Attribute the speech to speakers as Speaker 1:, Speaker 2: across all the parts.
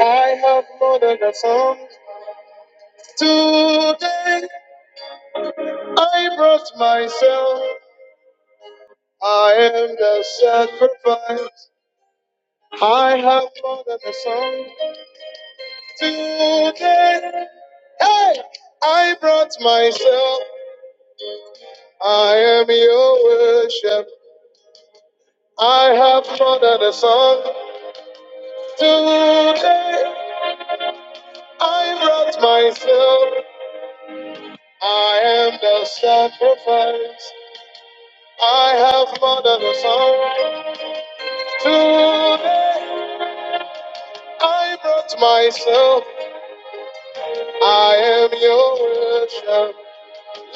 Speaker 1: I have more than a song. Today I brought myself. I am the sacrifice. I have more than a song. Today, hey, I brought myself. I am your worship. I have more than a song. Today I brought myself. I am the sacrifice. I have more than a song. Today I brought myself, I am your worship.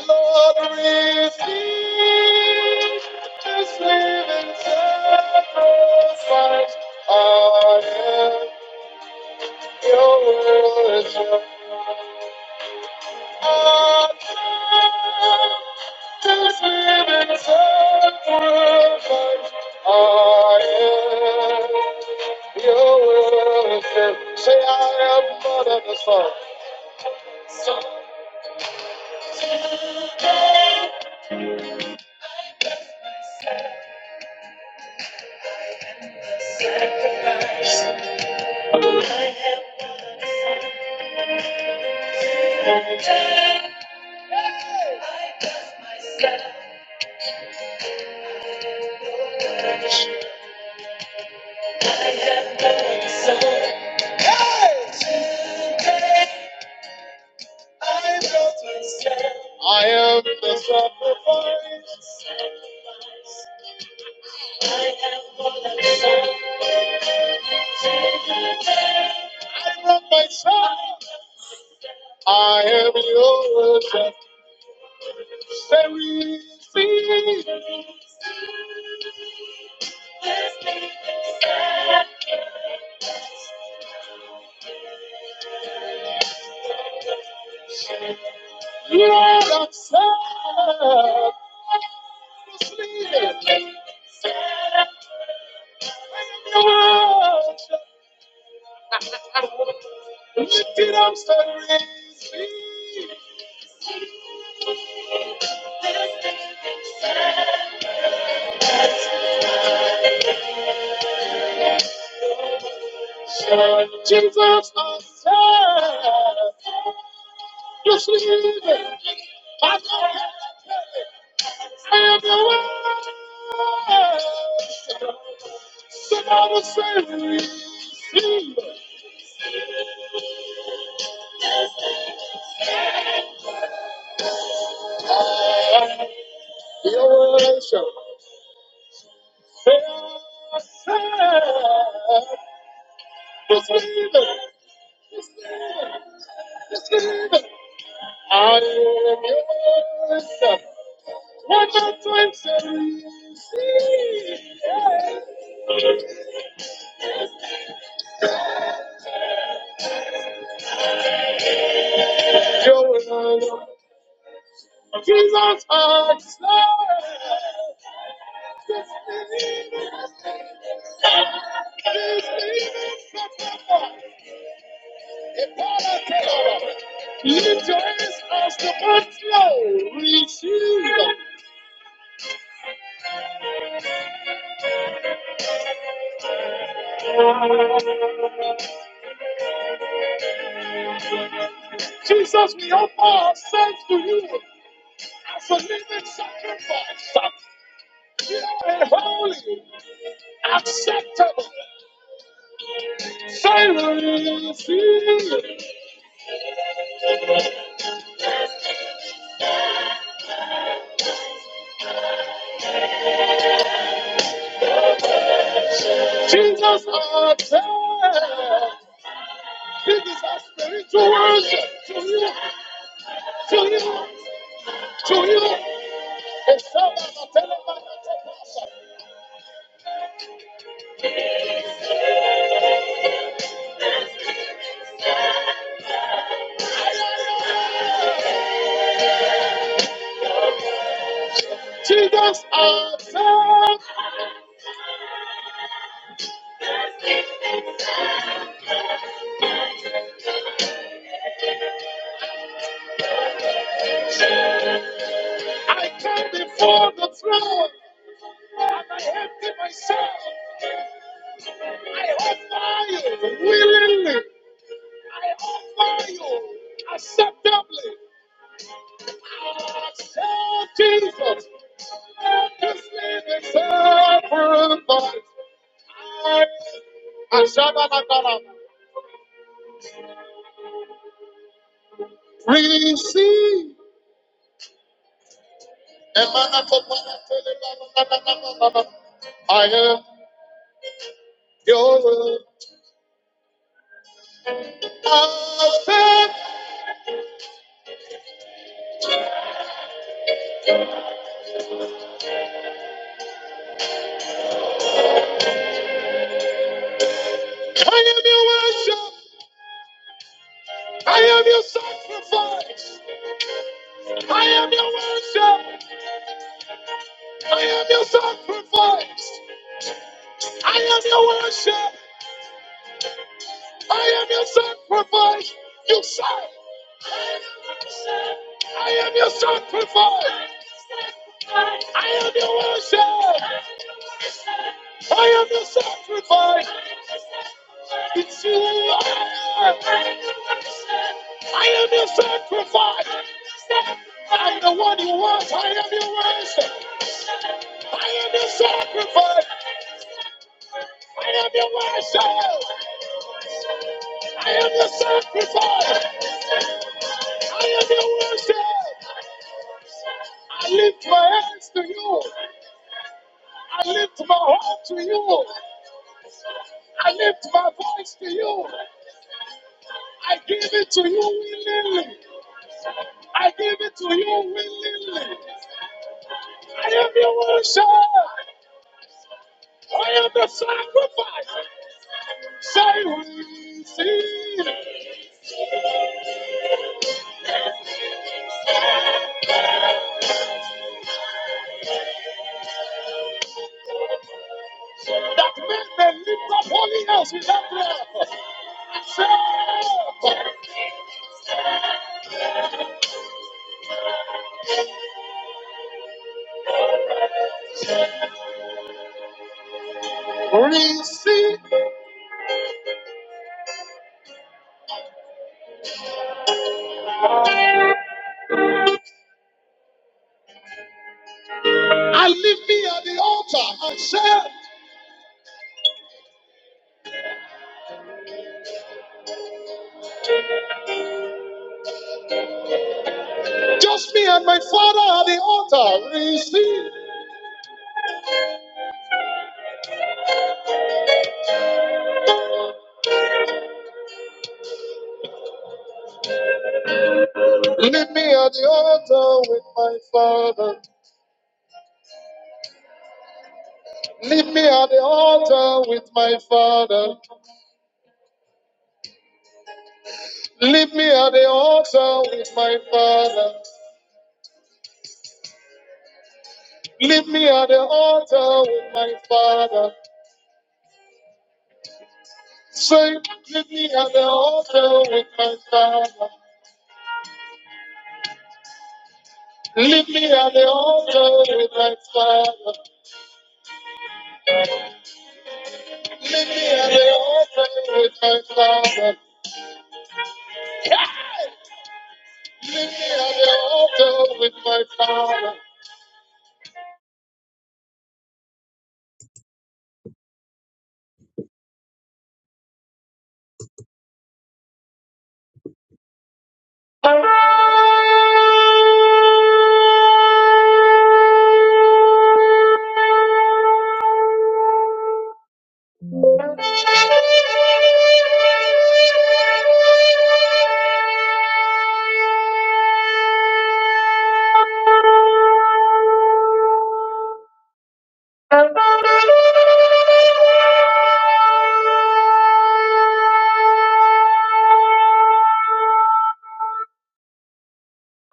Speaker 1: Lord, receive this living sacrifice. I am your worship. Say, I am more than the son. I am the sacrifice. I am myself. I am yours. Say, receive. Lord, accept. Receive. Lifted up stories, me. Jesus I said, You see, me. I know I am the way. Somebody say, receive it. your worship. Say, I said, receive it, receive it. I am your worship. One more time, say, your worship. Jesus, our prayer. This is our spiritual worship to you, to you, to you. Jesus, our prayer. Willingly, humbly, oh Jesus, this name is sacrifice. I, Ashabalakara, receive. Emanatomanatelebalabalabala. I am your worship. I am your worship. I am your sacrifice. I am your worship. I Receive. Just me and my father at the altar. Receive. Leave me at the altar with my father. Leave me at the altar with my father. Leave me at the altar with my father. Leave me at the altar with my father. Say, leave me at the altar with my father. Leave me at the altar with my father. Leave me at the altar with my father. Leave me at the altar with my father. Thank you.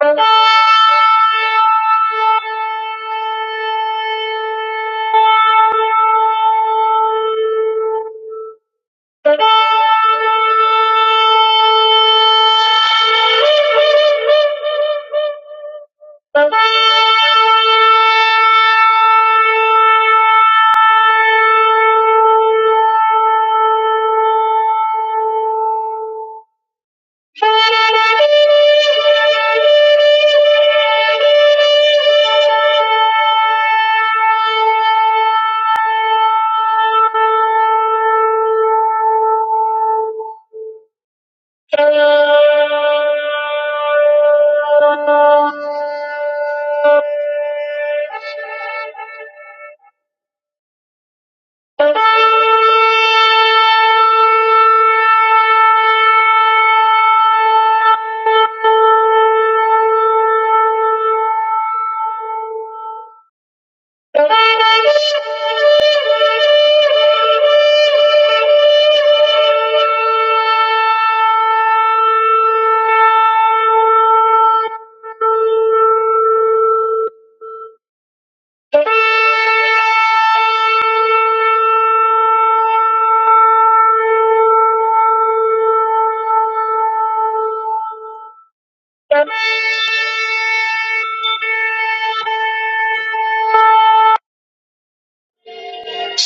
Speaker 1: Thank you. Thank you.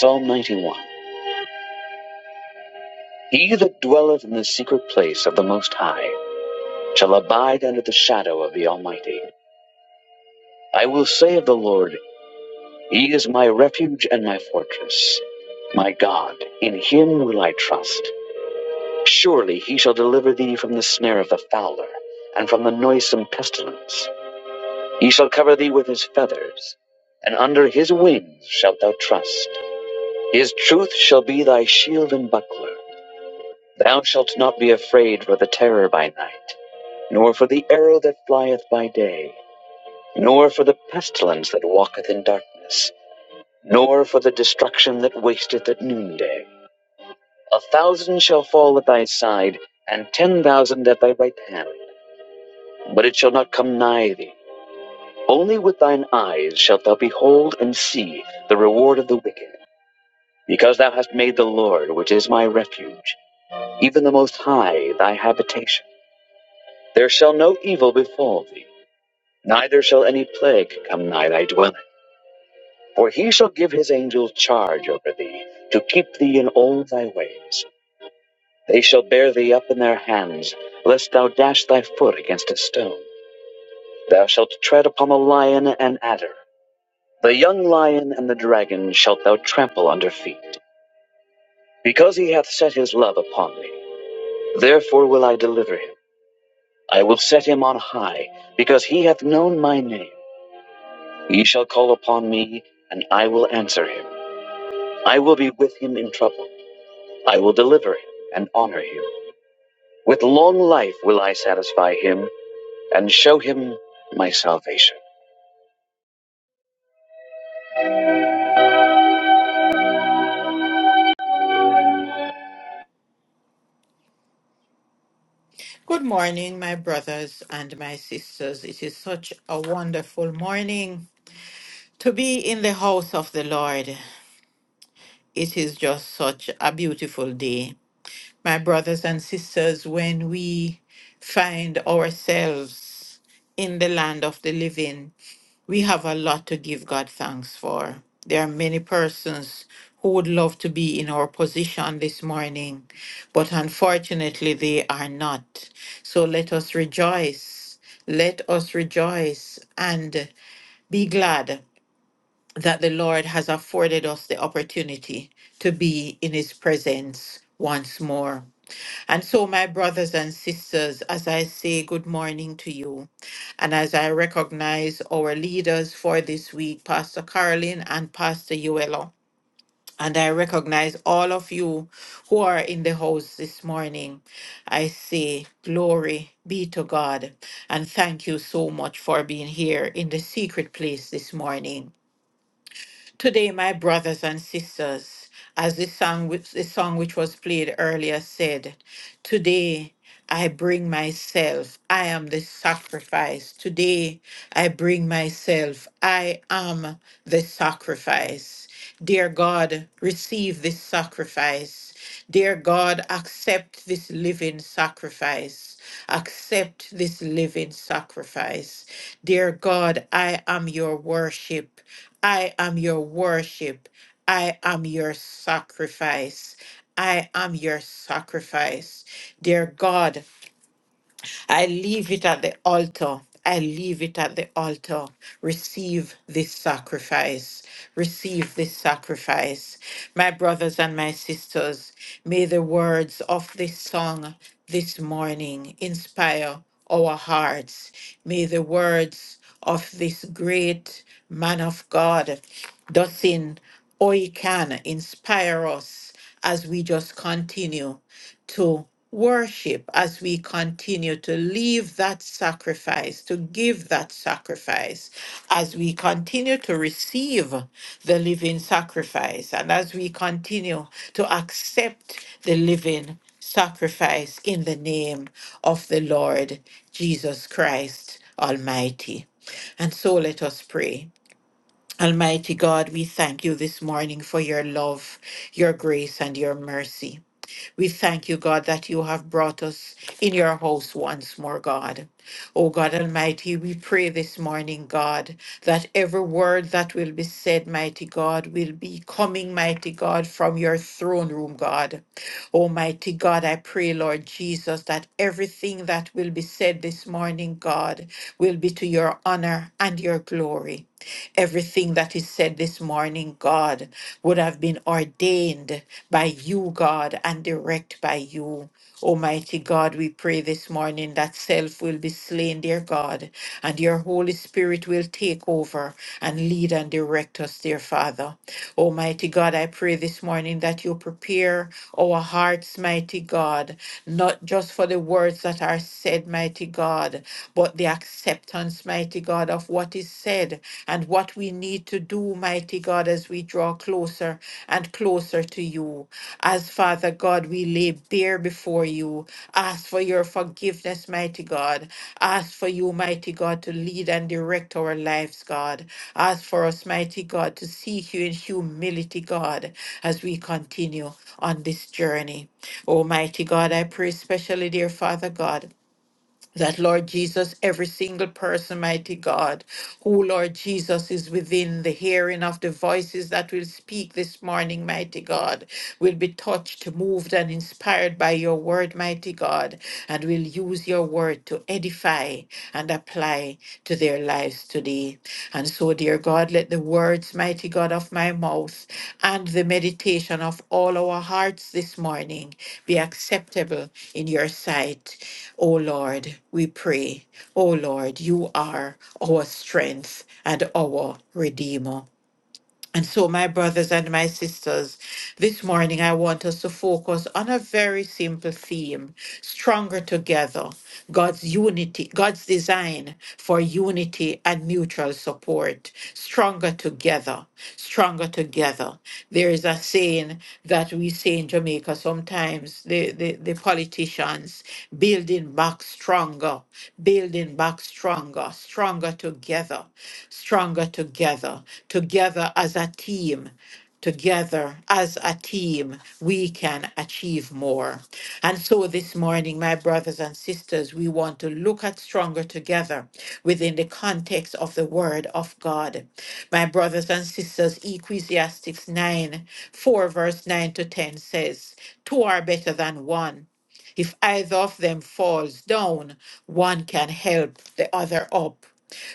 Speaker 1: Psalm 91. He that dwelleth in the secret place of the Most High shall abide under the shadow of the Almighty. I will say of the Lord, He is my refuge and my fortress, my God, in Him will I trust. Surely He shall deliver thee from the snare of the fowler and from the noisome pestilence. He shall cover thee with His feathers, and under His wings shalt thou trust. His truth shall be thy shield and buckler. Thou shalt not be afraid for the terror by night nor for the arrow that flieth by day, nor for the pestilence that walketh in darkness, nor for the destruction that wasteth at noonday. A thousand shall fall at thy side, and ten thousand at thy right hand, but it shall not come nigh thee. Only with thine eyes shalt thou behold and see the reward of the wicked, because thou hast made the Lord, which is my refuge, even the Most High, thy habitation. There shall no evil befall thee, neither shall any plague come nigh thy dwelling. For he shall give his angels charge over thee, to keep thee in all thy ways. They shall bear thee up in their hands, lest thou dash thy foot against a stone. Thou shalt tread upon the lion and adder. The young lion and the dragon shalt thou trample under feet. Because he hath set his love upon me, therefore will I deliver him. I will set him on high, because he hath known my name. He shall call upon me, and I will answer him. I will be with him in trouble. I will deliver him and honor him. With long life will I satisfy him and show him my salvation.
Speaker 2: Good morning, my brothers and my sisters. It is such a wonderful morning to be in the house of the Lord. It is just such a beautiful day my brothers and sisters, when we find ourselves in the land of the living, we have a lot to give God thanks for. There are many persons who would love to be in our position this morning, but unfortunately they are not. So let us rejoice. Let us rejoice and be glad that the Lord has afforded us the opportunity to be in His presence once more. And so, my brothers and sisters, as I say good morning to you, and as I recognize our leaders for this week, Pastor Carolyn and Pastor Uelo, and I recognize all of you who are in the house this morning, I say, Glory be to God, and thank you so much for being here in the secret place this morning. Today, my brothers and sisters, as the song, which, the song which was played earlier said, today I bring myself, I am the sacrifice. Today I bring myself, I am the sacrifice. Dear God, receive this sacrifice. Dear God, accept this living sacrifice. Accept this living sacrifice. Dear God, I am your worship. I am your worship. I am your sacrifice. I am your sacrifice. Dear God, I leave it at the altar. I leave it at the altar. Receive this sacrifice. Receive this sacrifice. My brothers and my sisters, may the words of this song this morning inspire our hearts. May the words of this great man of God, Dustin Oikan, inspire us as we just continue to worship as we continue to leave that sacrifice, to give that sacrifice, as we continue to receive the living sacrifice, and as we continue to accept the living sacrifice in the name of the Lord Jesus Christ Almighty. And so let us pray. Almighty God, we thank you this morning for your love, your grace, and your mercy. We thank you, God, that you have brought us in your house once more, God. Oh God Almighty, we pray this morning, God, that every word that will be said, mighty God, will be coming, mighty God, from your throne room, God. Almighty God, I pray, Lord Jesus, that everything that will be said this morning, God, will be to your honor and your glory. Everything that is said this morning, God, would have been ordained by you, God, and direct by you. Almighty God, we pray this morning that self will be slain, dear God, and your Holy Spirit will take over and lead and direct us, dear Father. Almighty God, I pray this morning that you prepare our hearts, mighty God, not just for the words that are said, mighty God, but the acceptance acceptance, mighty God, of what is said and what we need to do, mighty God, as we draw closer and closer to you. As Father God, we lay bare before you, ask for your forgiveness, mighty God. Ask for you, mighty God, to lead and direct our lives, God. Ask for us, mighty God, to seek you in humility, God, as we continue on this journey. Almighty God, I pray especially, dear Father God that Lord Jesus, every single person, mighty God, who Lord Jesus is within the hearing of the voices that will speak this morning, mighty God, will be touched, moved, and inspired by your word, mighty God, and will use your word to edify and apply to their lives today. And so, dear God, let the words, mighty God, of my mouth and the meditation of all our hearts this morning be acceptable in your sight, O Lord we pray. O Lord, you are our strength and our Redeemer. And so, my brothers and my sisters, this morning I want us to focus on a very simple theme stronger together, God's unity, God's design for unity and mutual support. Stronger together, stronger together. There is a saying that we say in Jamaica sometimes the, the, the politicians building back stronger, building back stronger, stronger together stronger together, together as a team. Together as a team, we can achieve more. And so this morning, my brothers and sisters, we want to look at Stronger Together within the context of the Word of God. My brothers and sisters, Ecclesiastes 9, 4, verse 9 to 10 says, "Two are better than one. If either of them falls down, one can help the other up.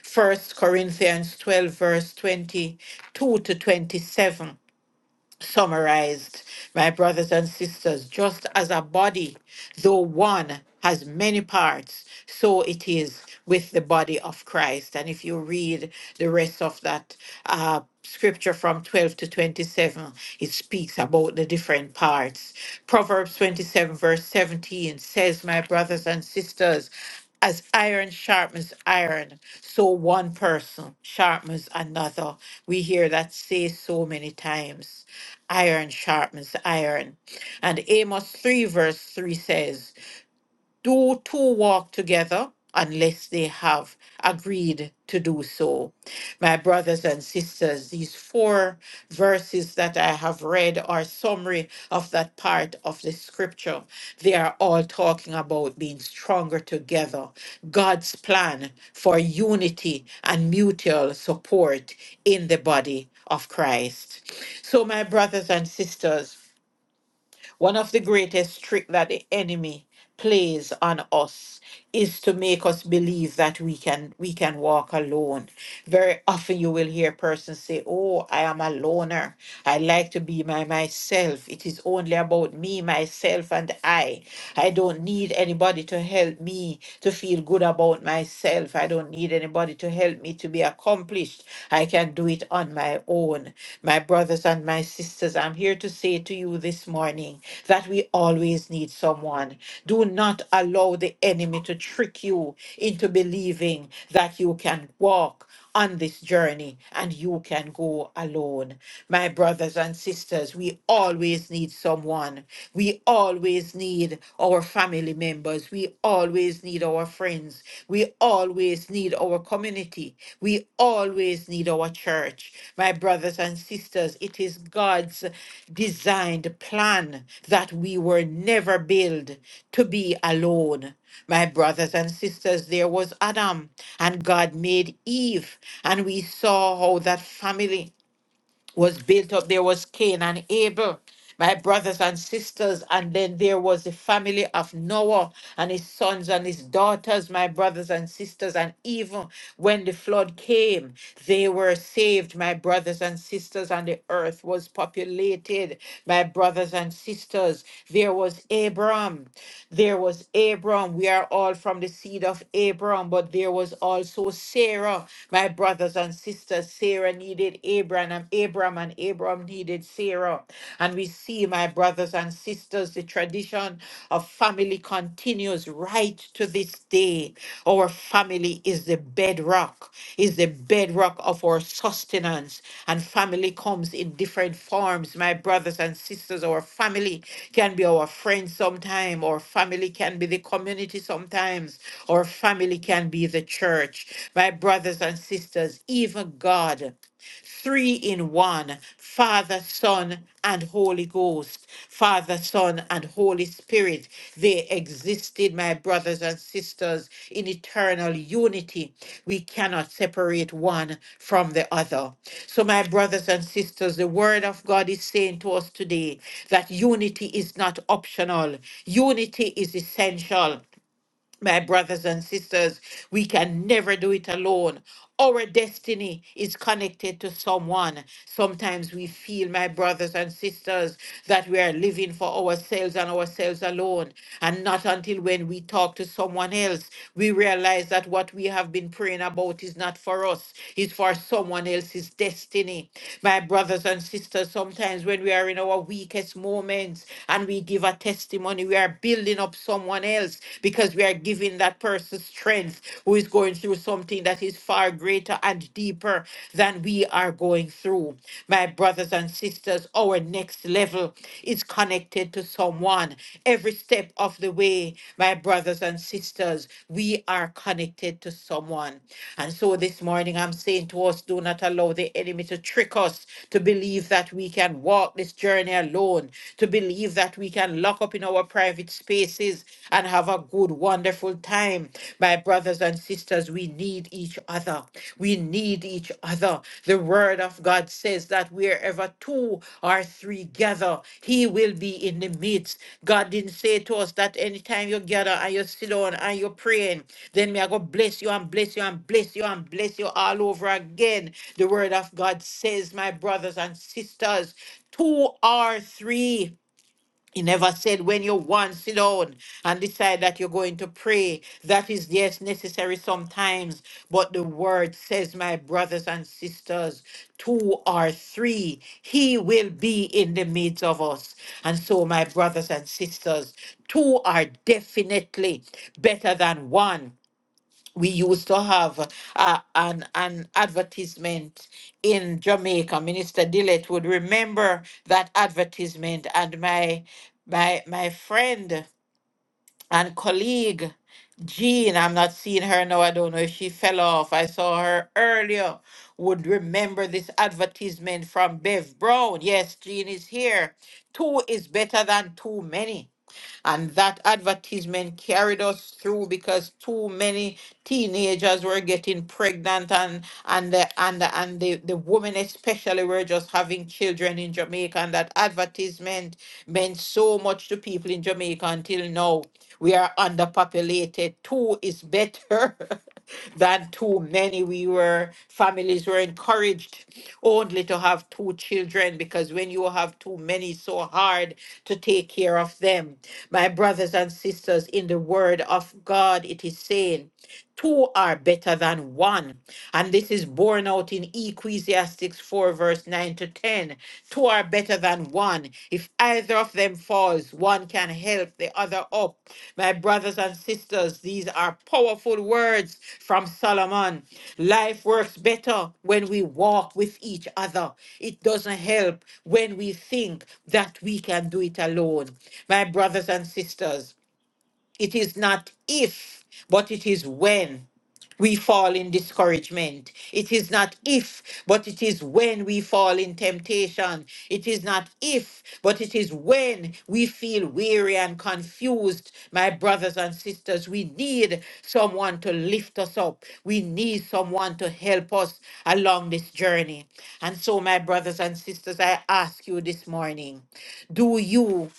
Speaker 2: First Corinthians 12, verse 22 to 27 summarized, my brothers and sisters, just as a body, though one has many parts, so it is with the body of Christ. And if you read the rest of that uh, scripture from 12 to 27, it speaks about the different parts. Proverbs 27, verse 17 says, My brothers and sisters, as iron sharpens iron, so one person sharpens another. We hear that say so many times. Iron sharpens iron. And Amos 3, verse 3 says, do two walk together unless they have agreed to do so. My brothers and sisters, these four verses that I have read are summary of that part of the scripture. They are all talking about being stronger together, God's plan for unity and mutual support in the body of Christ. So, my brothers and sisters, one of the greatest tricks that the enemy plays on us is to make us believe that we can we can walk alone. Very often you will hear persons say, "Oh, I am a loner. I like to be by myself. It is only about me, myself and I. I don't need anybody to help me to feel good about myself. I don't need anybody to help me to be accommodated accomplished. I can do it on my own. My brothers and my sisters, I'm here to say to you this morning that we always need someone. Do not allow the enemy to trick you into believing that you can walk on this journey and you can go alone. My brothers and sisters, we always need someone. We always need a our family members. We always need our friends. We always need our community. We always need our church. My brothers and sisters, it is God's designed plan that we were never built to be alone. My brothers and sisters, there was Adam, and God made Eve, and we saw how that family was built up. There was Cain and Abel, my brothers and sisters. And then there was the family of Noah and his sons and his daughters, my brothers and sisters. And even when the flood came, they were saved, my brothers and sisters. And the earth was populated, my brothers and sisters. There was Abram. There was Abram. We are all from the seed of Abram, but there was also Sarah, my brothers and and sisters. Sarah needed Abraham, and Abraham and Abraham needed Sarah. And we see, my brothers and sisters, the tradition of family continues right to this day. Our family is the bedrock, is the bedrock of our sustenance. And family comes in different forms, my brothers and sisters. Our family can be our friends sometime, our family can be the community sometimes, our family can be the the church, my brothers and sisters, even God, three in one Father, Son, and Holy Ghost, Father, Son, and Holy Spirit. They existed, my brothers and sisters, in eternal unity. We cannot separate one from the other. So, my brothers and sisters, the Word of God is saying to us today that unity is not optional, unity is essential. My brothers and sisters, we can never do it alone. Our destiny is connected to someone. Sometimes we feel, my brothers and sisters, that we are living for ourselves and ourselves alone. And not until when we talk to someone else, we realize that what we have been praying about is not for us, it's for someone else's destiny. My brothers and sisters, sometimes when we are in our weakest moments and we give a testimony, we are building up someone someone else because we are giving that person strength who is going through something that is far greater and deeper than we are going through. My brothers and sisters, our next level is connected to someone. Every step of the way, my brothers and sisters, we are connected to someone. And so this morning, I'm saying to us, do not allow the enemy to trick us to believe that we can walk this journey alone, to believe that we can lock up up in our private spaces and have a good, wonderful time. My brothers and sisters, we need each other. We need each other. The word of God says that wherever two or three gather, he will be in the midst. God didn't say to us that anytime you gather and you sit down and you're praying, then may I go bless you and bless you and bless you and bless you all over again. The word of God says, my brothers and sisters, two or three. He never said when you want sit down and decide that you're going to pray. That is yes necessary sometimes, but the word says, my brothers and sisters, two or three, he will be in the midst of us. And so, my brothers and sisters, two are definitely better than one we used to have uh, an an advertisement in Jamaica. Minister Dillett would remember that advertisement, and my my my friend and colleague Jean, I'm not seeing her now. I don't know if she fell off. I saw her earlier. Would remember this advertisement from Bev Brown. Yes, Jean is here. Two is better than too many. And that advertisement carried us through because too many teenagers were getting pregnant and and the and the, and the, the women especially were just having children in Jamaica. And that advertisement meant so much to people in Jamaica until now. We are underpopulated. Two is better. than too many. We were, families were encouraged only to have two children because when you have too many, it's so hard to take care of them. My brothers and sisters, in the word of God, it is saying, two are better than one. And this is borne out in Ecclesiastes 4, verse 9 to 10. Two are better than one. If either of them falls, one can help the other up. My brothers and sisters, these are powerful words from Solomon. Life works better when we walk with each other. It doesn't help when we think that we can do it alone. My brothers and sisters, it is not if, but it is when we fall in discouragement. It is not if, but it is when we fall in temptation. It is not if, but it is when we feel weary and confused. My brothers and sisters, we need someone to lift us up. We need someone to help us along this journey. And so, my brothers and sisters, I ask you this morning do you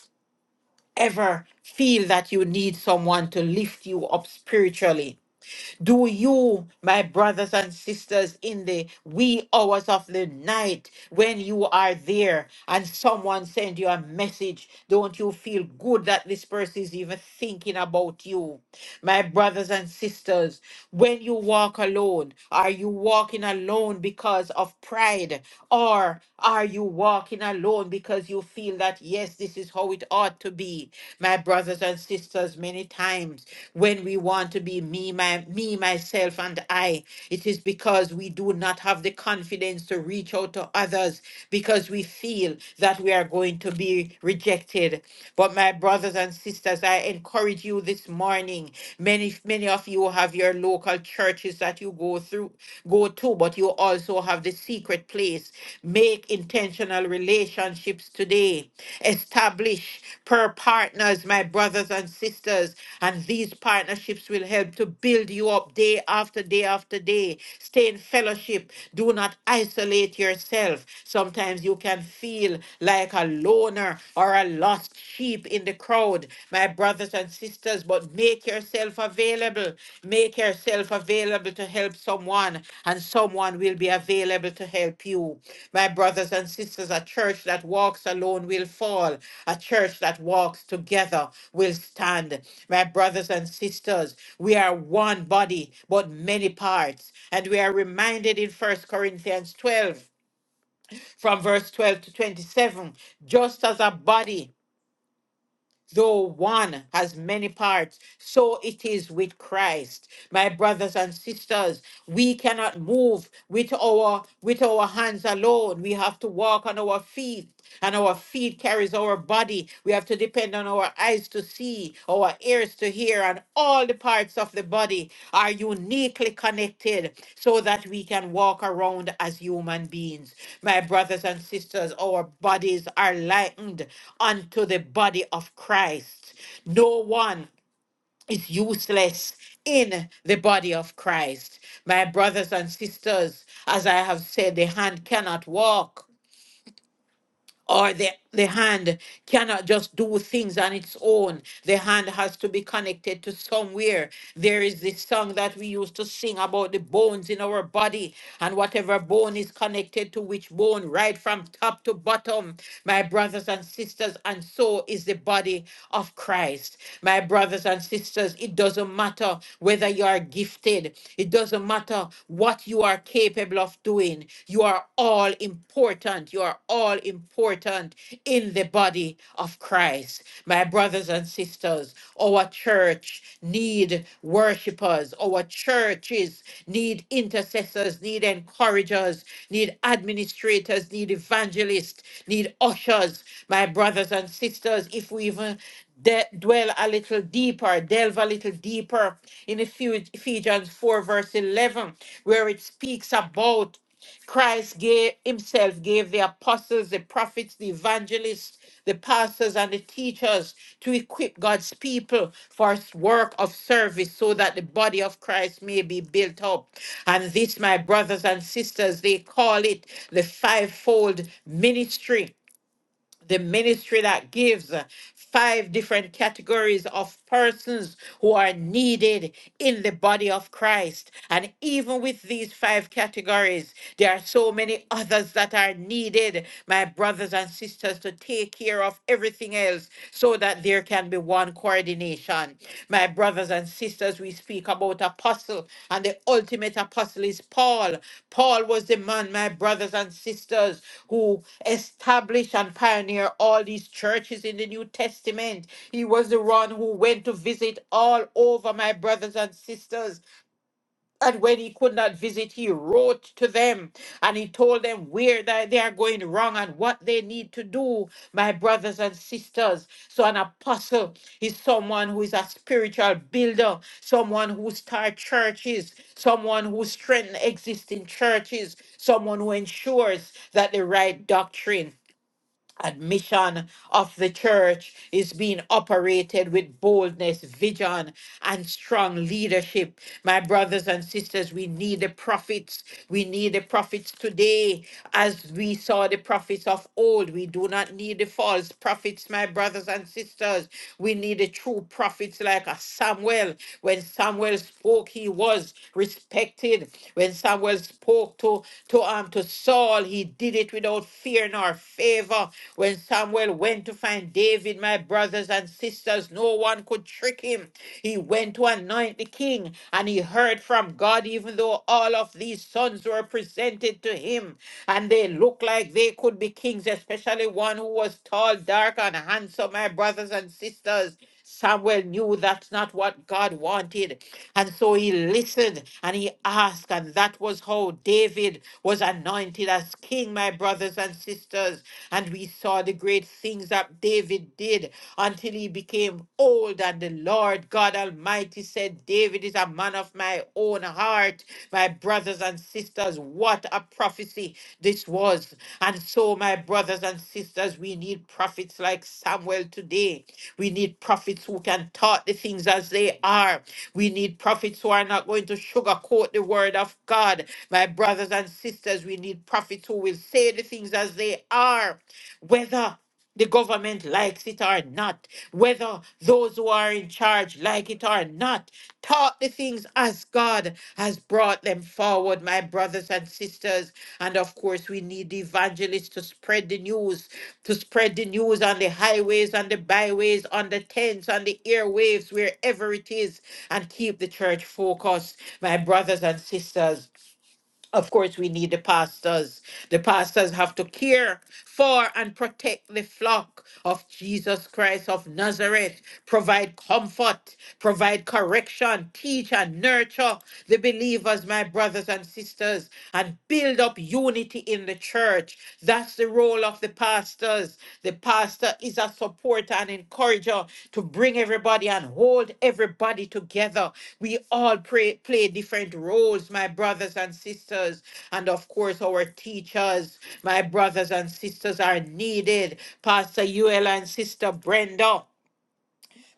Speaker 2: ever feel that you need someone to lift you up spiritually? Do you, my brothers and sisters, in the wee hours of the night when you are there and someone send you a message, don't you feel good that this person is even thinking about you? My brothers and sisters, when you walk alone, are you walking alone because of pride or are you walking alone because you feel that yes, yes, this is how it ought to be. My brothers and sisters, many times when we want to be me, my me, myself, and I, it is because we do not have the confidence to reach out to others because we feel that we are going to be rejected. But my brothers and sisters, I encourage you this morning. Many, many of you have your local churches that you go through Go go to, but you also have the secret place. Make intentional relationships today. Establish per partners, my brothers and sisters, and these partnerships will help to build you up day after day after day. Stay in fellowship. Do not isolate yourself. Sometimes you can feel like a loner or a lost sheep in the crowd, my brothers and sisters, but make yourself available. Make yourself available to help someone, and someone will be available to help you. My brothers and sisters, a church that walks alone will fall. A church that walks together will stand. My brothers and sisters, we are one body, but many parts. And we are reminded in First Corinthians 12, from verse 12 to 27, just as a body Though one has many parts, so it is with Christ. My brothers and sisters, we cannot move with our with our hands alone. We have to walk on our feet, and our feet carries our body. We have to depend on our eyes to see see, our ears to hear, and all the parts of the body are uniquely connected so that we can walk around as human beings. My brothers and sisters, our bodies are likened unto the body of Christ. No one is useless in the body of Christ. My brothers and sisters, as I have said, the hand cannot walk or the, the hand cannot just do things on its own. The hand has to be connected to somewhere. There is this song that we used to sing about the bones in our body and whatever bone is connected to which bone, right from top to bottom, my brothers and sisters, and so is the body of Christ. My brothers and sisters, it doesn't matter whether you are gifted, it doesn't matter what you are capable of doing. You are all important important. You are all important in the body of Christ. My brothers and sisters, our church need worshipers. Our churches need intercessors, need encouragers, need administrators, need evangelists, need ushers. My brothers and sisters, if we even de- dwell a little deeper, delve a little deeper in Ephe- Ephesians 4, verse 11, where it speaks about Christ gave himself gave the apostles, the prophets, the evangelists, the pastors, and the teachers to equip God's people for s- work of service so that the body of Christ may be built up. And this, my brothers and sisters, they call it the fivefold ministry the ministry that gives uh, five different categories of persons who are needed in the body of Christ. And even with these five categories, there are so many others that are needed, my brothers and sisters, to take care of everything else so that there can be one coordination. My brothers and sisters, we speak about apostle, and the ultimate apostle is Paul. Paul was the man, my brothers and sisters, who established and pioneered all these churches in the New Testament. He was the one who went to visit all over my brothers and sisters and when he could not visit, he wrote to them and he told them where that they are going wrong and what they need to do, my brothers and sisters. So, an apostle is someone who is a spiritual builder, someone who starts churches, someone who strengthens existing churches, someone who ensures that the right doctrine admission of the church is being operated with boldness, vision, and strong leadership. My brothers and sisters, we need the prophets. We need the prophets today as we saw the prophets of old. We do not need the false prophets, my brothers and sisters. We need the true prophets like a Samuel. When Samuel spoke, he was respected. When Samuel spoke to, to, um, to Saul, he did it without fear nor favor. When Samuel went to find David, my brothers and sisters, no one could trick him. He went to anoint the king and he heard from God, even though all of these sons were presented to him and they looked like they could be kings, especially one who was tall, dark, and handsome, my brothers and sisters. Samuel knew that's not what God wanted. And so he listened and he asked, and that was how David was anointed as king, my brothers and sisters. And we saw the great things that David did until he became old. And the Lord God Almighty said, David is a man of my own heart, my brothers and sisters. What a prophecy this was. And so, my brothers and sisters, we need prophets like Samuel today. We need prophets who can talk the things as they are. We need prophets who are not going to sugarcoat the word of God. My brothers and sisters, we need prophets who will say the things as they are, whether the government likes it or not, whether those who are in charge like it or not. Talk the things as God has brought them forward, my brothers and sisters. And of course, we need the evangelists to spread the news, to spread the news on the highways, on the byways, on the tents, on the airwaves, wherever it is and keep the church focused. My brothers and sisters, of course, we need the pastors. The pastors have to care for and protect the flock of Jesus Christ of Nazareth, provide comfort, provide correction, teach and nurture, the believers, my brothers and sisters, and build up unity in the church. That's the role of the pastors. The pastor is a supporter and encourager to bring everybody and hold everybody together. We all pray, play different roles, my brothers and sisters. And of course, our teachers, my brothers and sisters, are needed. Pastor Uella and Sister Brenda.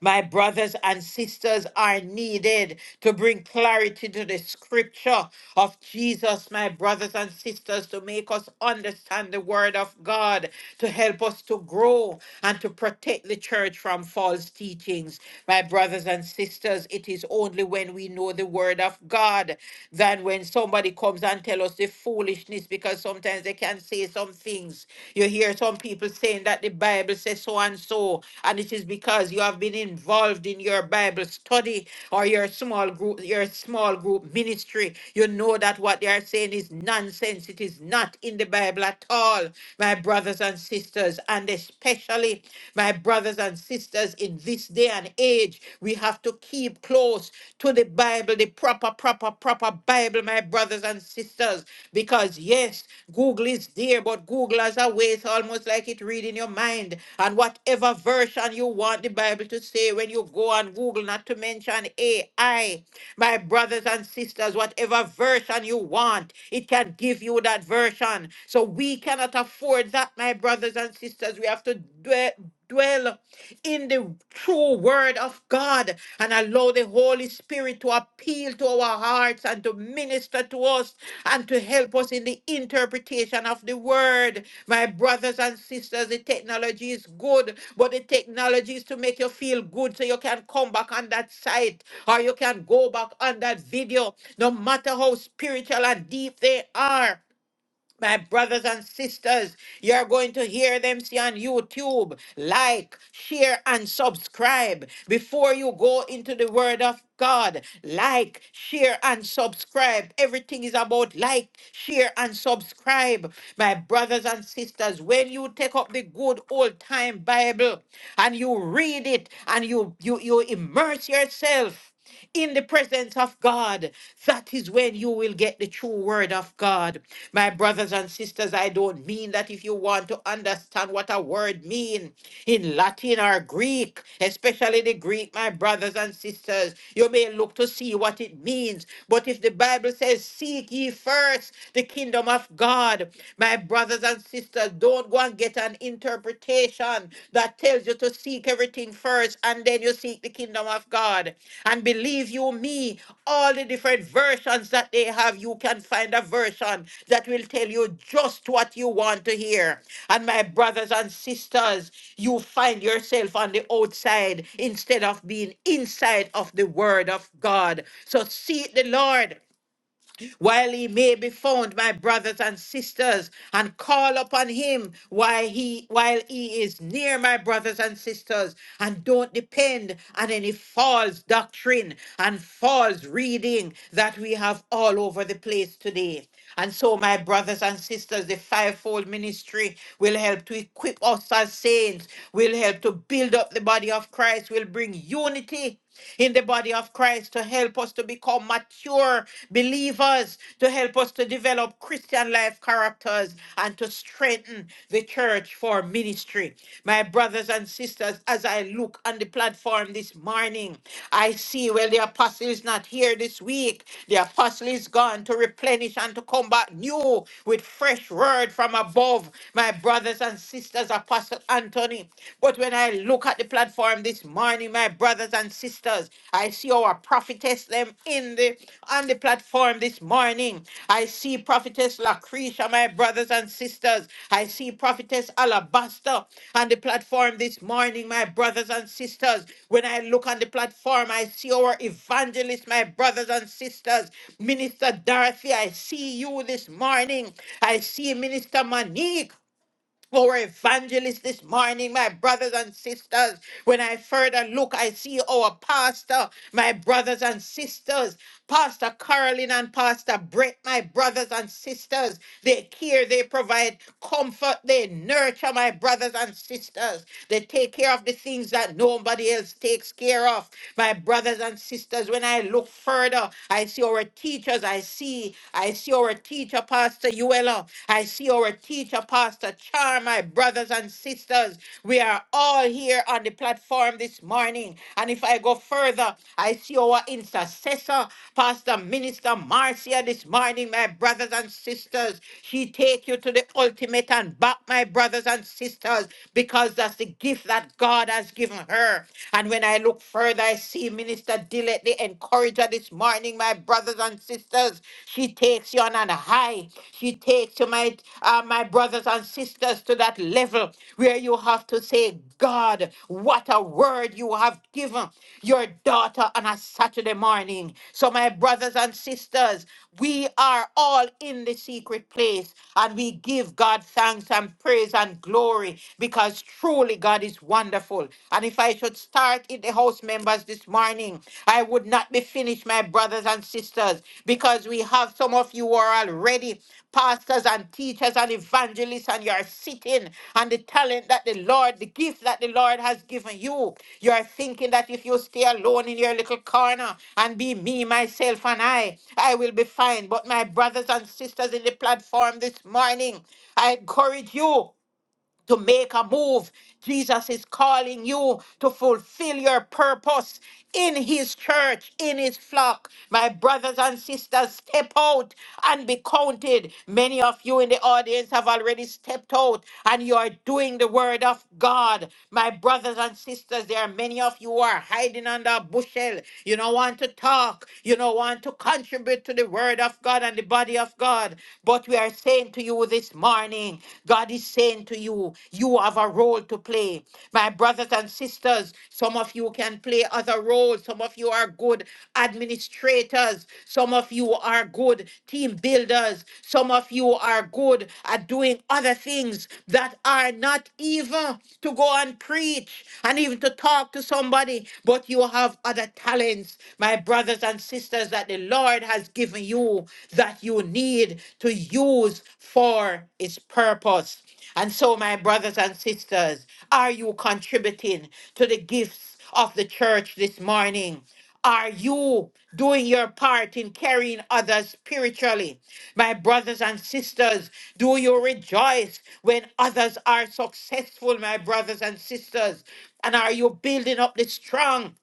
Speaker 2: My brothers and sisters are needed to bring clarity to the scripture of Jesus, my brothers and sisters, to make us understand the word of God, to help us to grow and to protect the church from false teachings. My brothers and sisters, it is only when we know the word of God than when somebody somebody comes and tell us the foolishness because sometimes they can say some things. You hear some people saying that the Bible says so and so, and it is because you have been involved in your Bible study or your small group, your small group ministry. You know that what they are saying is nonsense. It is not in the Bible at all, my brothers and sisters, and especially especially my brothers and sisters in this day and age. We have to keep close to the Bible, the proper, proper, proper Bible, my brothers and sisters, because yes, Google is there, but Google has a way, it's almost like it read in your mind. And whatever version you want the Bible to say when you go on Google, not to mention AI. My brothers and sisters, whatever version you want, it can give you that version. So we cannot afford that, my brothers and sisters. We have to dwell. Dwell in the true word of God and allow the Holy Spirit to appeal to our hearts and to minister minister to us and to help us in the interpretation of the word. My brothers and sisters, the technology is good, but the technology is to make you feel good so you can come back on that site or you can go back on that video, no matter how spiritual and deep they are. My brothers and sisters, you're going to hear them see on YouTube. Like, share, and subscribe. Before you go into the Word of God, like, share, and subscribe. Everything is about like, share, and subscribe. My brothers and sisters, when you take up the good old time Bible and you read it and you, you, you immerse yourself, in the presence of God. That is when you will get the true word of God. My brothers and sisters, I don't mean that if you want to understand what a word means in Latin or Greek, especially the Greek, my brothers and sisters, you may look to see what it means. But if the Bible says, Seek ye first the kingdom of God, my brothers and sisters, don't go and get an interpretation that tells you to seek everything first and then you seek the kingdom of God. And believe you me, all the different versions that they have, you can find a version that will tell you just what you want to hear. And my brothers and sisters, you find yourself on the outside instead of being inside of the word of God. So seek the Lord while he may be found, my brothers and sisters, and call upon him while he while he is near, my brothers and sisters, and don't depend on any false doctrine and false reading that we have all over the place today. And so, my brothers and sisters, the fivefold ministry will help to equip us as saints, will help to build up the body of Christ, will bring unity in the body of Christ to help us to become mature believers, to help us to develop Christian life characters, and to strengthen the church for ministry. My brothers and sisters, as I look on the platform this morning, I see, well, the apostle is not here this week. The apostle is gone to replenish and to come back new with fresh word from above. My brothers and sisters, Apostle Anthony. but when I look at the platform this morning, my brothers and sisters, I see our prophetess them in the on the platform this morning. I see prophetess Lacretia, my brothers and sisters. I see prophetess Alabaster on the platform this morning, my brothers and sisters. When I look on the platform, I see our evangelist, my brothers and sisters. Minister Dorothy, I see you this morning. I see Minister Monique. Our evangelist this morning, my brothers and sisters. When I further look, I see our pastor, my brothers and sisters, Pastor Carolyn and Pastor Brett, my brothers and sisters. They care, they provide comfort, they nurture my brothers and sisters. They take care of the things that nobody else takes care of. My brothers and sisters, when I look further, I see our teachers teachers. I see, I see our teacher, Pastor Uella. I see our teacher, Pastor Char, my brothers and sisters. We are all here on the platform this morning. And if I go further, I see our intercessor, Pastor Minister Marcia, this morning, my brothers and sisters. She take you to the ultimate and back, my brothers and sisters, because that's the gift that God has given her. And when I look further, I see Minister Dillett, the encourager this morning, my brothers and sisters. She takes you on a high. She takes you, my, uh, my brothers and sisters, to that level where you have to say, God, what a word you have given your daughter on a Saturday morning. So, my brothers and sisters, we are all in the secret place and we give God thanks and praise and glory because truly truly God is wonderful. And if I should start in the house members this morning, I would not be finished, my brothers and sisters, because we have some of you who are already pastors and teachers and evangelists, and you're sitting on the talent that the Lord, the gift that the Lord has given you. You're thinking that if you stay alone in your little corner and be me, myself, and I, I will be fine. But my brothers and sisters in the platform this morning, I encourage you to make a move. Jesus is calling you to fulfill your purpose in his church, in his flock. My brothers and sisters, step out and be counted. Many of you in the audience have already stepped out and you are doing the word of God. My brothers and sisters, there are many of you who are hiding under a bushel. You don't want to talk. You don't want to contribute to the word of God and the body of God. But we are saying to you this morning, God is saying to you, you have a role to play. My brothers and sisters, some of you can play other roles. Some of you are good administrators. Some of you are good team builders. Some of you are good at doing other things that are not even to go and preach and even to talk to somebody, but you have other talents, my brothers and sisters, that the Lord has given you that you need to use for its purpose. And so, my brothers and sisters, are you contributing to the gifts of the church this morning? Are you doing your part in carrying others spiritually? My brothers and sisters, do you rejoice when others are successful, my brothers and sisters? And are you building up the strong?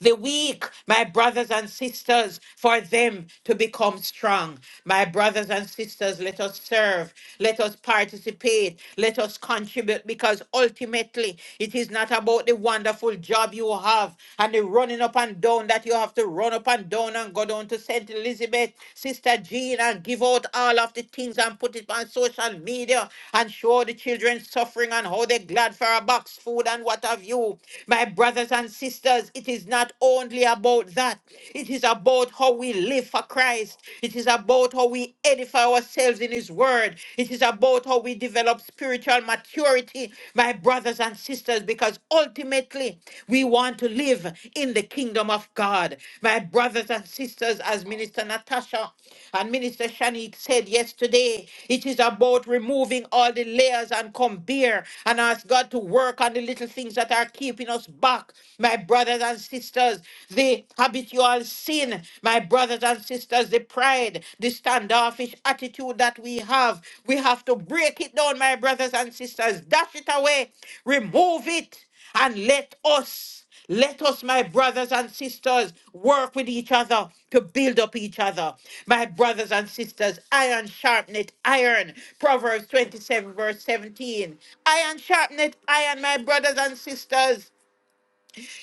Speaker 2: the weak, my brothers and sisters, for them to become strong. My brothers and sisters, let us serve, let us participate, let us contribute, because ultimately it is not about the wonderful job you have and the running up and down that you have to run up and down and go down to St. Elizabeth, Sister Jean, and give out all of the things and put it on social media and show the children suffering and how they're glad for a box food and what have you. My brothers and sisters, because it is not only about that. It is about how we live for Christ. It is about how we edify ourselves in His Word. It is about how we develop spiritual maturity, my brothers and sisters, because ultimately we want to live in the kingdom of God. My brothers and sisters, as Minister Natasha and Minister Shanique said yesterday, it is about removing all the layers and come bare and ask God to work on the little things that are keeping us back back, My brothers and sisters, the habitual sin, my brothers and sisters, the pride, the standoffish attitude that we have, we have to break it down, my brothers and sisters. Dash it away, remove it, and let us. Let us, my brothers and sisters, work with each other to build up each other. My brothers and sisters, iron sharpeneth iron. Proverbs 27, verse 17. Iron sharpeneth iron, my brothers and sisters.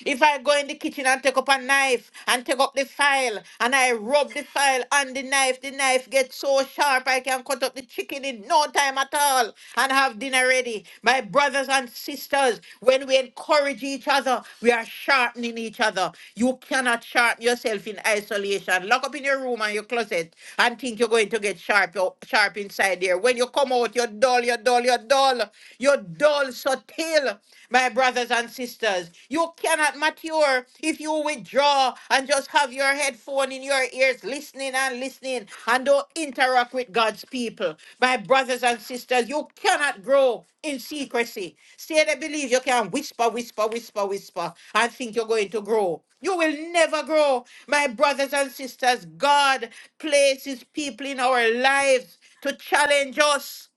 Speaker 2: If I go in the kitchen and take up a knife and take up the file and I rub the file on the knife, the knife gets so sharp I can cut up the chicken in no time at all and have dinner ready. My brothers and sisters, when we encourage each other, we are sharpening each other. You cannot sharpen yourself in isolation. Lock up in your room and your closet and think you're going to get sharp, you're sharp inside there. When you come out, you're dull, you're dull, you're dull, you're dull, so till my brothers and sisters. You cannot mature if you withdraw and just have your headphone in your ears, listening and listening, and don't interact with God's people. My brothers and sisters, you cannot grow in secrecy. Say they believe you can whisper, whisper, whisper, whisper, and think you're going to grow. You will never grow. My brothers and sisters, God places people in our lives to challenge us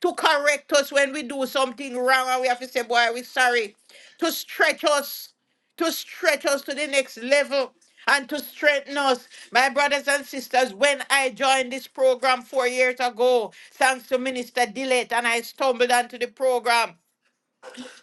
Speaker 2: to correct us when we do something wrong and we have to say, boy, we're sorry, to stretch us, to stretch us to the next level and to strengthen us. My brothers and sisters, when I joined this program four years ago, thanks to Minister Dillett, and I stumbled onto the program.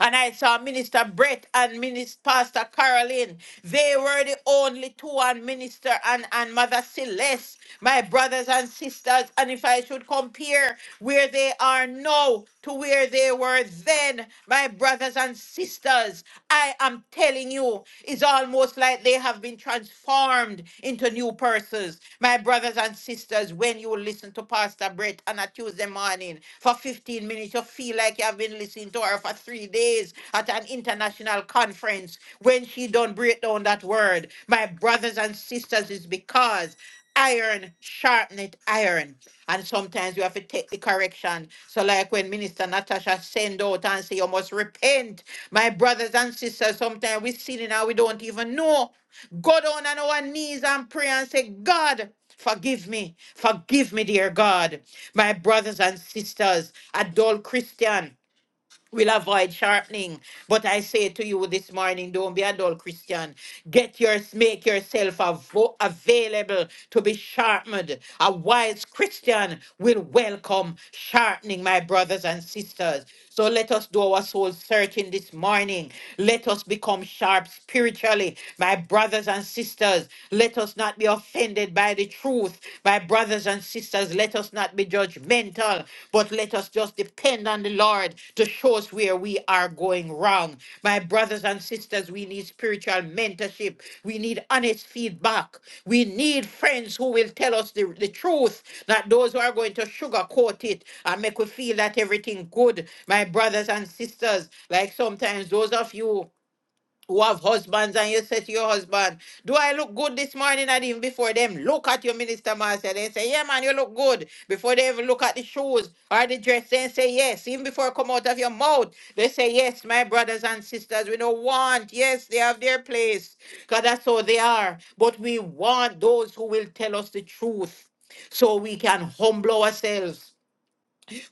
Speaker 2: And I saw Minister Brett and Minister Pastor Caroline. They were the only two And Minister and, and Mother Celeste, my brothers and sisters. And if I should compare where they are now to where they were then, my brothers and sisters, I am telling you, it's almost like they have been transformed into new persons. My brothers and sisters, when you listen to Pastor Brett on a Tuesday morning for 15 minutes, you feel like you have been listening to her her for three days at an international conference. When she don't break down that word, my brothers and sisters, is because iron sharpened iron. And sometimes you have to take the correction. So like when Minister Natasha send out and say you must repent. My brothers and sisters, sometimes we sinning and we don't even know. Go down on our knees and pray and say, God, forgive me. Forgive me, dear God. My brothers and sisters, adult Christian will avoid sharpening. But I say to you this morning, don't be a dull Christian. Get yours, make yourself avo- available to be sharpened. A wise Christian will welcome sharpening, my brothers and sisters. So let us do our soul searching this morning. Let us become sharp spiritually, my brothers and sisters. Let us not be offended by the truth life. My brothers and sisters, let us not be judgmental, but let us just depend on the Lord to show us where we are going wrong. My brothers and sisters, we need spiritual mentorship. We need honest feedback. We need friends who will tell us the, the truth, not those who are going to sugarcoat it and make we feel that everything good. My brothers and sisters, like sometimes those of you who have husbands and you say to your husband, Do I look good this morning And even before them? Look at your minister master. They say, Yeah, man, you look good. Before they even look at the shoes or the dress, they say yes. Even before it come out of your mouth, they say, Yes, my brothers and sisters, we don't want. Yes, they have their place. Because that's how they are. But we want those who will tell us the truth so we can humble ourselves.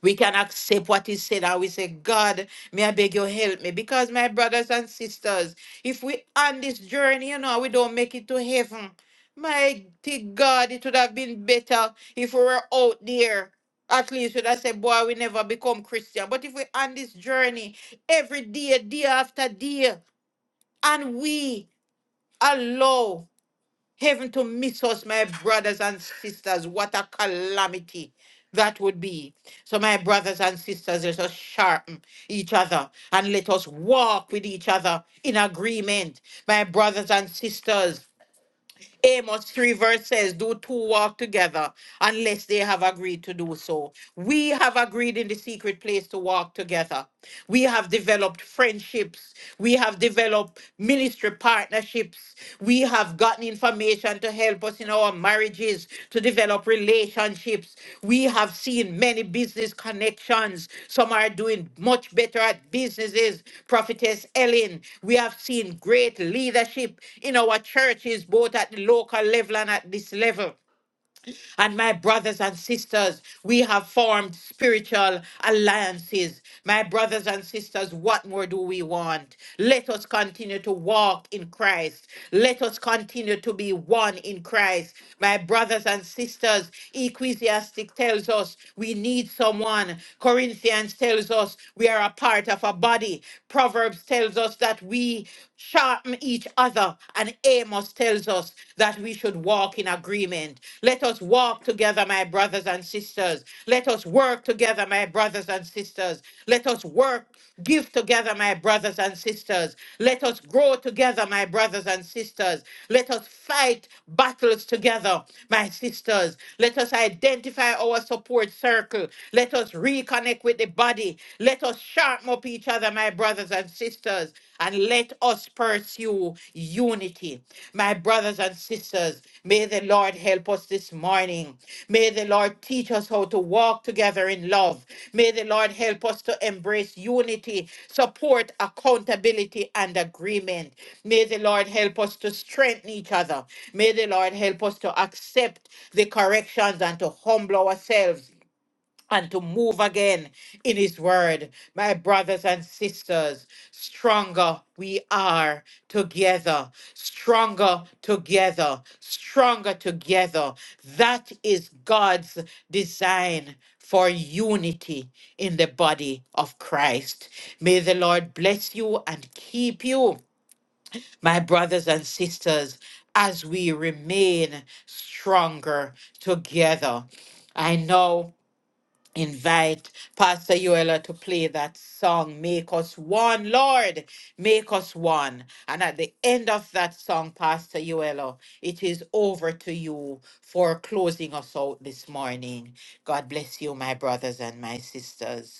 Speaker 2: We can accept what is said and we say, God, may I beg you help me. Because my brothers and sisters, if we on this journey, you know, we don't make it to heaven. Mighty God, it would have been better if we were out there. At least we would have said, boy, we never become Christian. But if we on this journey every day, day after day, and we allow Heaven to miss us, my brothers and sisters. What a calamity that would be. So, my brothers and sisters, let us sharpen each other and let us walk with each other in agreement. My brothers and sisters, Amos 3 verse says, Do two walk together unless they have agreed to do so. We have agreed in the secret place to walk together. We have developed friendships. We have developed ministry partnerships. We have gotten information to help us in us in our marriages to develop relationships. We have seen many business connections. Some are doing much better at businesses. Prophetess Ellen, we have seen great leadership in our churches, both at the local level and at this level. And my brothers and sisters, we have formed spiritual alliances. My brothers and sisters, what more do we want? Let us continue to walk in Christ. Let us continue to be one in Christ. My brothers and sisters, Ecclesiastic tells us we need someone. Corinthians tells us we are a part of a body. Proverbs tells us that we sharpen each other and Amos tells us that we should walk in agreement. Let us walk together, my brothers and sisters. Let us work together, my brothers and sisters. Let us work, give together, my brothers and sisters. Let us grow together, my brothers and sisters. Let us fight battles together, my sisters. Let us identify our support circle. Let us reconnect with the body. Let us sharpen up each other each other, my brothers and sisters, and let us pursue unity. My brothers and sisters, may the Lord help us this morning. May the Lord teach us how to walk together in love. May the Lord help us to embrace unity, support accountability and agreement. May the Lord help us to strengthen each other. May the Lord help us to accept the corrections and to humble ourselves and to move again in his word. My brothers and sisters, stronger we are together, stronger together, stronger together. That is God's design for unity in the body of Christ. May the Lord bless you and keep you, my brothers and sisters, as we remain stronger together. I know invite Pastor Yoela to play that song, Make Us One, Lord, Make Us One. And at the end of that song, Pastor Yoela, it is over to you for closing us out this morning. God bless you, my brothers and my sisters.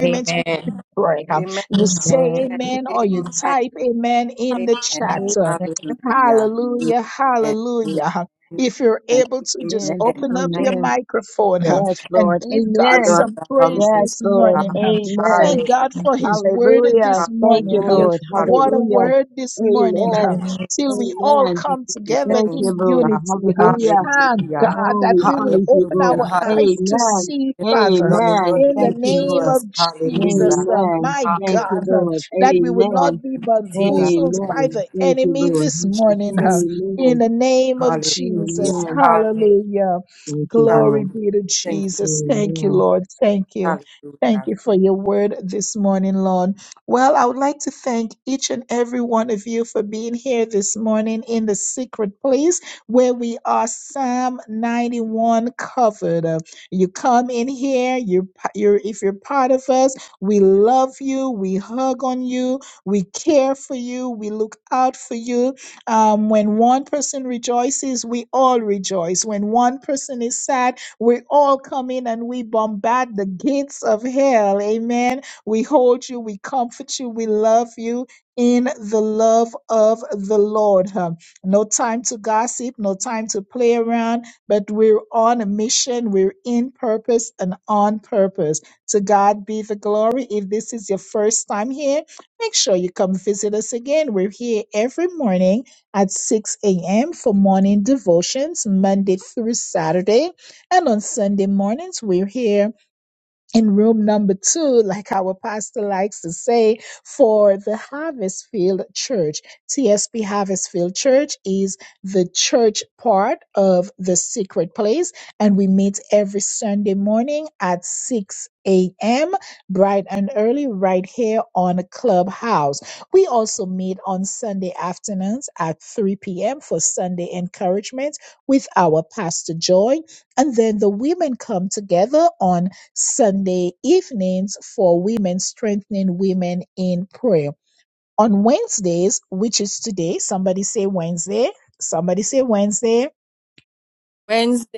Speaker 3: Amen.
Speaker 4: Amen.
Speaker 3: Amen.
Speaker 4: Amen. Amen. Hallelujah. Amen. Amen. And
Speaker 5: Amen.
Speaker 4: amen. Thank
Speaker 5: Amen.
Speaker 4: you, Jesus.
Speaker 5: Yes,
Speaker 4: Thank
Speaker 5: Lord.
Speaker 4: You
Speaker 5: Amen.
Speaker 4: Lord God Almighty.
Speaker 5: Yes, Lord.
Speaker 4: God.
Speaker 5: Amen.
Speaker 3: Amen.
Speaker 4: Hallelujah.
Speaker 3: Hallelujah.
Speaker 5: Hallelujah. Thank you,
Speaker 4: Hallelujah.
Speaker 5: Lord. Hallelujah.
Speaker 4: Hallelujah. Thank you,
Speaker 5: Amen.
Speaker 4: Jesus. Father,
Speaker 5: Amen.
Speaker 4: we give you
Speaker 5: Thank you,
Speaker 4: thanks,
Speaker 5: Lord.
Speaker 4: God.
Speaker 5: Hallelujah.
Speaker 4: Hallelujah.
Speaker 5: Oh, we praise you, Lord.
Speaker 4: Hallelujah. Hallelujah.
Speaker 5: Amen.
Speaker 4: Let it be done in your
Speaker 5: Amen. Thank
Speaker 4: name,
Speaker 5: you, Lord.
Speaker 4: Jesus.
Speaker 3: Hallelujah.
Speaker 4: Hallelujah.
Speaker 5: Amen. Thank you,
Speaker 4: Hallelujah.
Speaker 5: Lord.
Speaker 4: Thank
Speaker 5: Amen.
Speaker 4: you, mighty God.
Speaker 5: Amen. Thank you,
Speaker 4: Thank
Speaker 5: Lord.
Speaker 4: you, Jesus.
Speaker 5: Amen.
Speaker 4: Hallelujah.
Speaker 5: Amen.
Speaker 4: Hallelujah.
Speaker 5: Thank you, Lord.
Speaker 4: Hallelujah. Thank you. Jesus.
Speaker 5: Amen.
Speaker 4: Hallelujah. Wednesday.